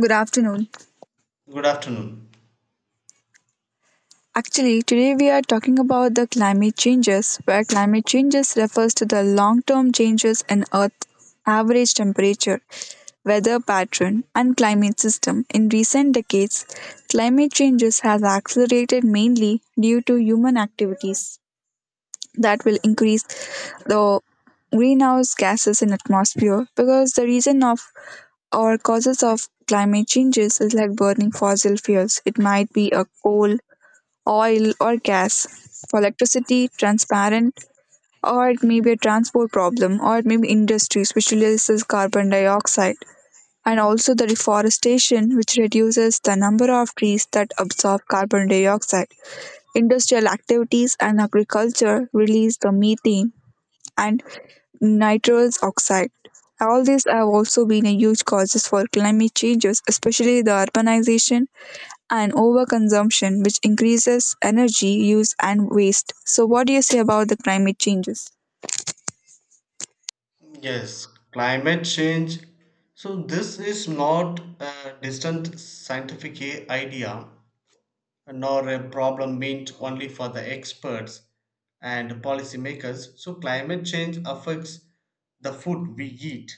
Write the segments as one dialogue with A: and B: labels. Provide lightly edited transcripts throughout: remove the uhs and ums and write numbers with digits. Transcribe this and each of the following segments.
A: Good afternoon.
B: Good afternoon.
A: Actually, today we are talking about the climate changes, where climate changes refers to the long-term changes in Earth's average temperature, weather pattern, and climate system. In recent decades, climate changes has accelerated mainly due to human activities that will increase the greenhouse gases in atmosphere, because the reason of or causes of climate changes is like burning fossil fuels. It might be a coal, oil, or gas. For electricity, transparent, or it may be a transport problem, or it may be industry which releases carbon dioxide, and also the reforestation which reduces the number of trees that absorb carbon dioxide. Industrial activities and agriculture release the methane and nitrous oxide. All these have also been a huge causes for climate changes, especially the urbanization and overconsumption, which increases energy use and waste. So, what do you say about the climate changes?
B: Yes, climate change. So this is not a distant scientific idea, nor a problem meant only for the experts and policymakers. So climate change affects the food we eat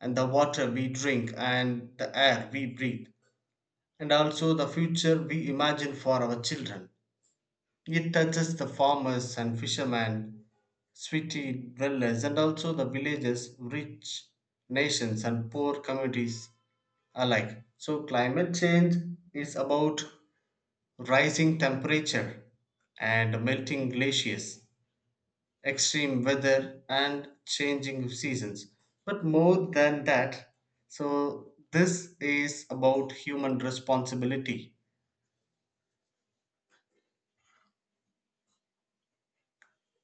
B: and the water we drink and the air we breathe and also the future we imagine for our children. It touches the farmers and fishermen, city dwellers, and also the villages, rich nations, and poor communities alike. So climate change is about rising temperature and melting glaciers, extreme weather, and changing of seasons. But more than that, so this is about human responsibility.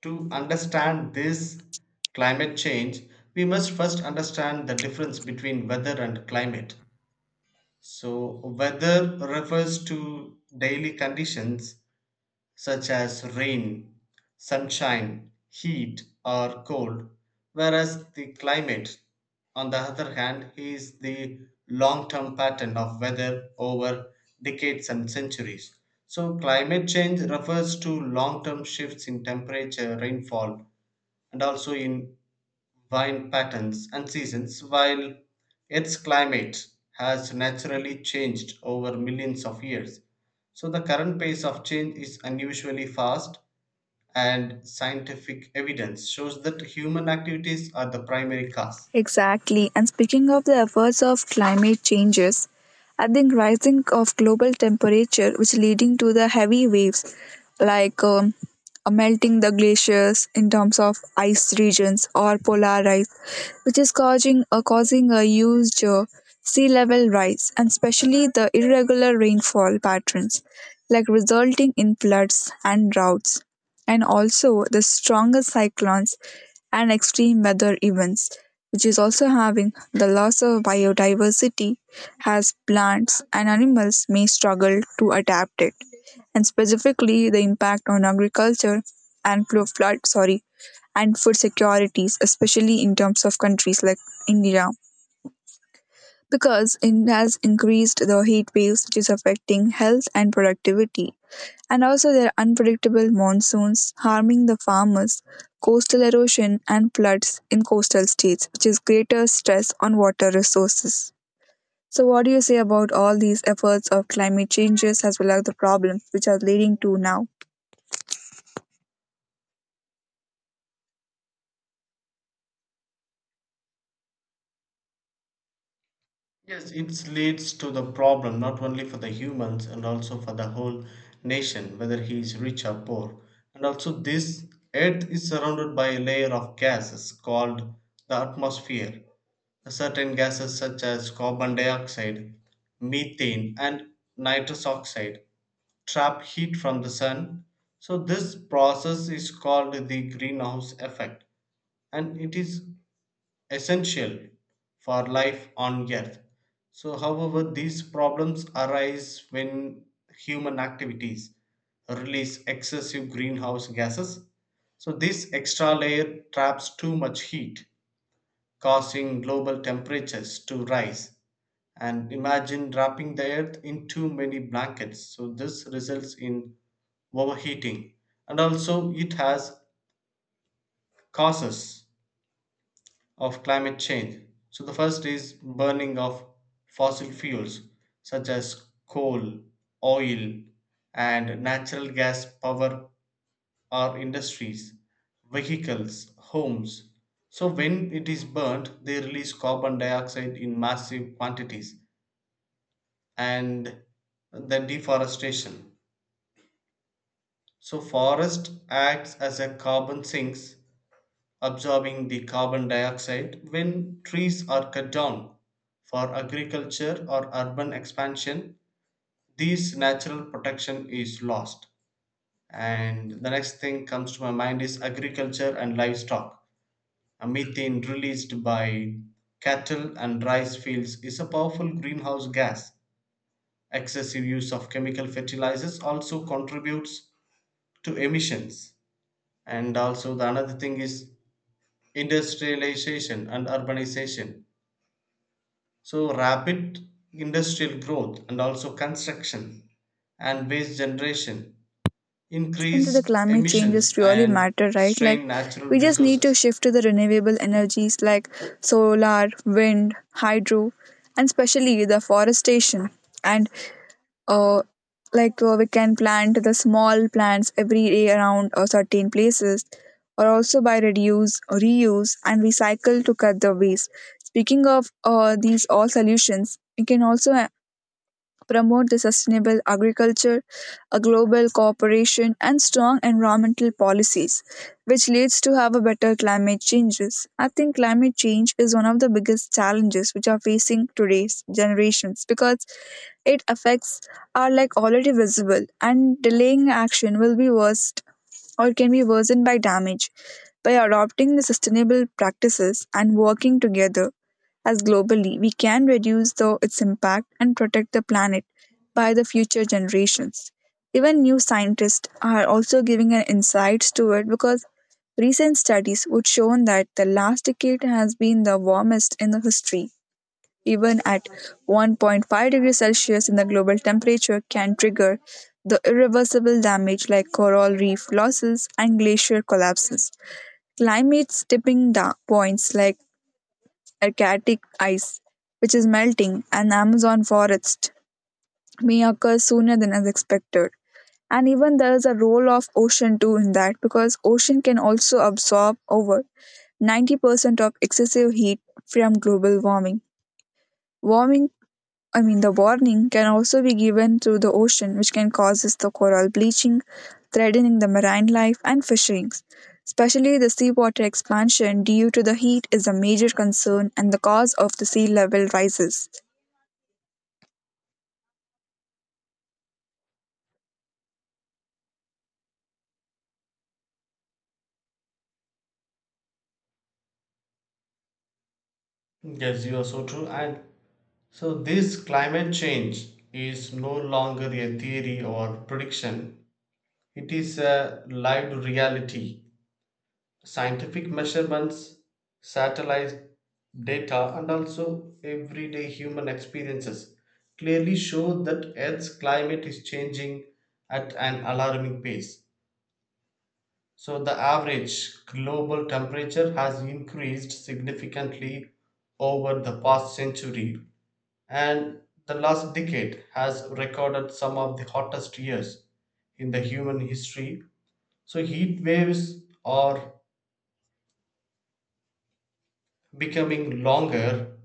B: To understand this climate change, we must first understand the difference between weather and climate. So weather refers to daily conditions such as rain, sunshine, heat, or cold, whereas the climate, on the other hand, is the long term pattern of weather over decades and centuries. So climate change refers to long term shifts in temperature, rainfall, and also in vine patterns and seasons, while Earth's climate has naturally changed over millions of years. So the current pace of change is unusually fast, and scientific evidence shows that human activities are the primary cause.
A: Exactly. And speaking of the efforts of climate changes, I think rising of global temperature, which leading to the heavy waves, like melting the glaciers in terms of ice regions or polar ice, which is causing causing a huge sea level rise, and especially the irregular rainfall patterns, like resulting in floods and droughts, and also the stronger cyclones and extreme weather events, which is also having the loss of biodiversity as plants and animals may struggle to adapt it, and specifically the impact on agriculture and flood, sorry, and food securities, especially in terms of countries like India. Because it has increased the heat waves, which is affecting health and productivity, and also their unpredictable monsoons harming the farmers, coastal erosion, and floods in coastal states, which is greater stress on water resources. So, what do you say about all these efforts of climate changes as well as the problems which are leading to now?
B: Yes, it leads to the problem not only for the humans and also for the whole nation, whether he is rich or poor. And also, this Earth is surrounded by a layer of gases called the atmosphere. Certain gases, such as carbon dioxide, methane, and nitrous oxide, trap heat from the sun. So this process is called the greenhouse effect, and it is essential for life on earth. So however, these problems arise when human activities release excessive greenhouse gases. So this extra layer traps too much heat, causing global temperatures to rise, and imagine wrapping the earth in too many blankets. So this results in overheating, and also it has causes of climate change. So the first is burning of fossil fuels such as coal, oil, and natural gas power our industries, vehicles, homes. So when it is burnt, they release carbon dioxide in massive quantities, and the deforestation. So forest acts as a carbon sinks, absorbing the carbon dioxide when trees are cut down for agriculture or urban expansion. This natural protection is lost. And the next thing comes to my mind is agriculture and livestock. A methane released by cattle and rice fields is a powerful greenhouse gas. Excessive use of chemical fertilizers also contributes to emissions. And also the another thing is industrialization and urbanization. So rapid industrial growth and also construction and waste generation
A: Into the
B: increased
A: climate
B: emissions
A: changes really
B: and
A: matter, right? Like,
B: strain natural
A: we just need to
B: resources.
A: shift to the renewable energies like solar, wind, hydro, and especially the forestation and uh, we can plant the small plants every day around certain places, or also by reduce reuse and recycle to cut the waste. Speaking of these all solutions, we can also promote the sustainable agriculture, a global cooperation and strong environmental policies, which leads to have a better climate changes. I think climate change is one of the biggest challenges which are facing today's generations, because it affects are like already visible and delaying action will be worst or can be worsened by damage. By adopting the sustainable practices and working together, as globally we can reduce the, its impact and protect the planet by the future generations. Even new scientists are also giving an insights to it, because recent studies would show that the last decade has been the warmest in the history. Even at 1.5 degrees Celsius in the global temperature can trigger the irreversible damage like coral reef losses and glacier collapses. Climate's tipping points like Arctic ice, which is melting, and Amazon forest may occur sooner than as expected. And even there is a role of ocean too in that, because ocean can also absorb over 90% of excessive heat from global warming. Warming, I mean the warning, can also be given through the ocean, which can causes the coral bleaching, threatening the marine life and fisheries. Especially the seawater expansion due to the heat is a major concern and the cause of the sea level rises.
B: Yes, you are so true. And so this climate change is no longer a theory or prediction, it is a lived reality. Scientific measurements, satellite data, and also everyday human experiences clearly show that Earth's climate is changing at an alarming pace. So the average global temperature has increased significantly over the past century, and the last decade has recorded some of the hottest years in the human history. So heat waves are becoming longer,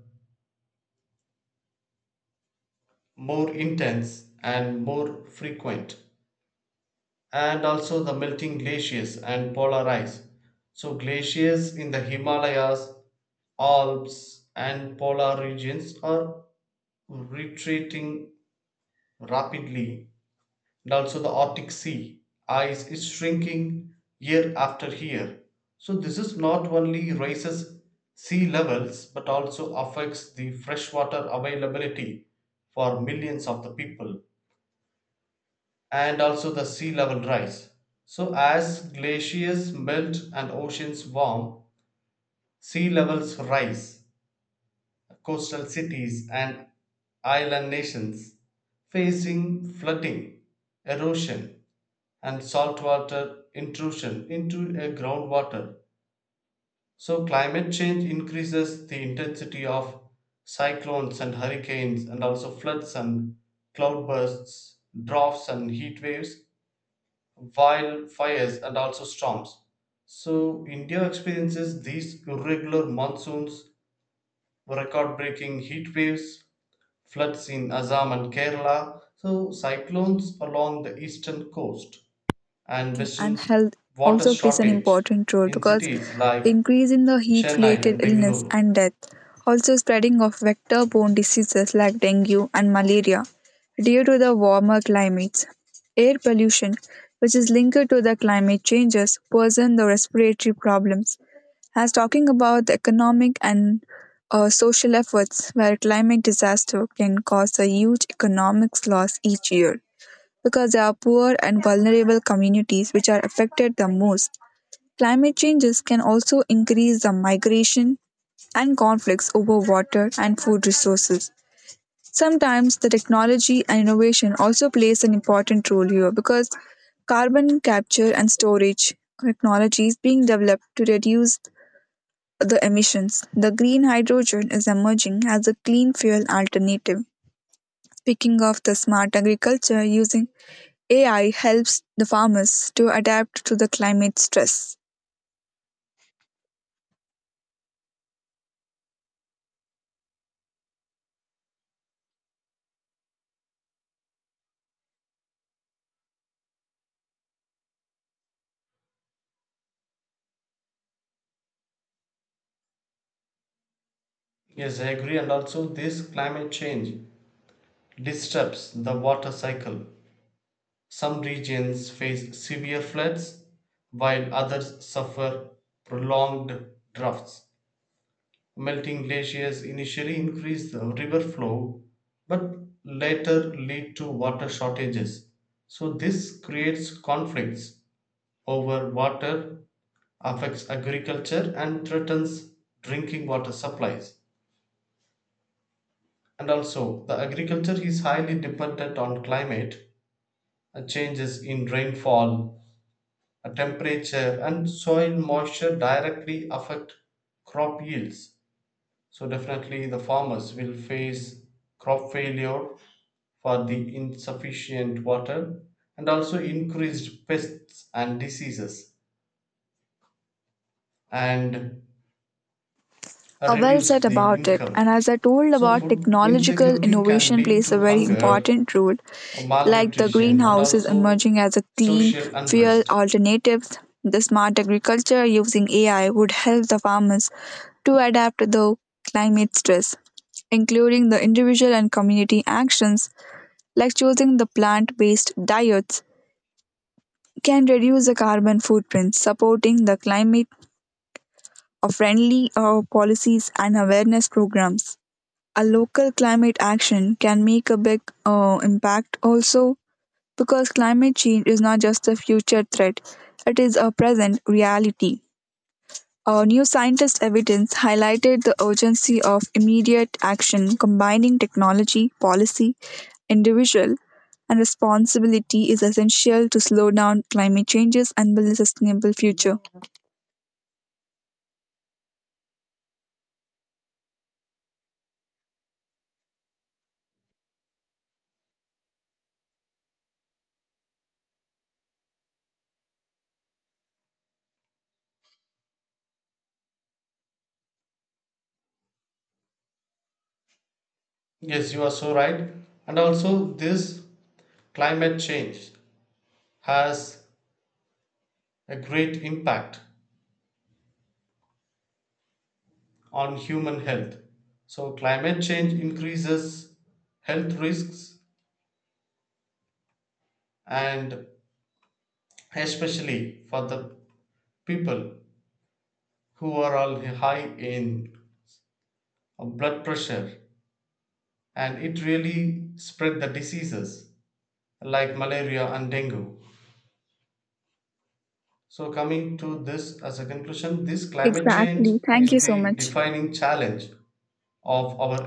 B: more intense, and more frequent. And also the melting glaciers and polar ice, so glaciers in the Himalayas, Alps, and polar regions are retreating rapidly. And also the Arctic sea ice is shrinking year after year. So this is not only raises sea levels but also affects the freshwater availability for millions of the people, and also the sea level rise. So as glaciers melt and oceans warm, sea levels rise, coastal cities and island nations facing flooding, erosion, and saltwater intrusion into a groundwater. So climate change increases the intensity of cyclones and hurricanes, and also floods and cloudbursts, droughts and heat waves, wildfires, and also storms. So India experiences these irregular monsoons, record-breaking heat waves, floods in Assam and Kerala, so cyclones along the eastern coast and
A: And
B: western
A: health
B: water
A: also plays an
B: shortage
A: important role,
B: in
A: because
B: cities like
A: increase in the heat
B: Chennai
A: related
B: and
A: illness
B: Bengaluru.
A: and death, also spreading of vector borne diseases like dengue and malaria due to the warmer climates, air pollution which is linked to the climate changes worsen the respiratory problems. As talking about the economic and social efforts, where climate disaster can cause a huge economic loss each year, because they are poor and vulnerable communities which are affected the most. Climate changes can also increase the migration and conflicts over water and food resources. Sometimes the technology and innovation also plays an important role here, because carbon capture and storage technologies being developed to reduce the emissions. The green hydrogen is emerging as a clean fuel alternative. Speaking of the smart agriculture using AI helps the farmers to adapt to the climate stress.
B: Yes, I agree, and also this climate change disturbs the water cycle. Some regions face severe floods, while others suffer prolonged droughts. Melting glaciers initially increase the river flow, but later lead to water shortages. So this creates conflicts over water, affects agriculture, and threatens drinking water supplies. And also, the agriculture is highly dependent on climate, changes in rainfall, temperature, and soil moisture directly affect crop yields. So definitely the farmers will face crop failure for the insufficient water, and also increased pests and diseases, and
A: Well said
B: reduced the
A: about it. And
B: income.
A: as I told
B: So
A: about
B: food
A: technological
B: insecurity can
A: innovation
B: lead
A: plays a
B: to
A: very
B: hunger,
A: important role, like the
B: malnutrition, and
A: greenhouse is
B: also
A: emerging as a clean
B: social
A: fuel
B: unrest.
A: alternative. The smart agriculture using AI would help the farmers to adapt to the climate stress, including the individual and community actions like choosing the plant based diets can reduce the carbon footprint, supporting the climate of friendly policies and awareness programs. A local climate action can make a big impact also, because climate change is not just a future threat, it is a present reality. New scientist evidence highlighted the urgency of immediate action. Combining technology, policy, individual, and responsibility is essential to slow down climate changes and build a sustainable future.
B: Yes, you are so right. And also this climate change has a great impact on human health. So climate change increases health risks, and especially for the people who are all high in blood pressure, and it really spread the diseases like malaria and dengue. So, coming to this as a conclusion, this climate change
A: Exactly. Thank you
B: is
A: so
B: the
A: much.
B: defining challenge of our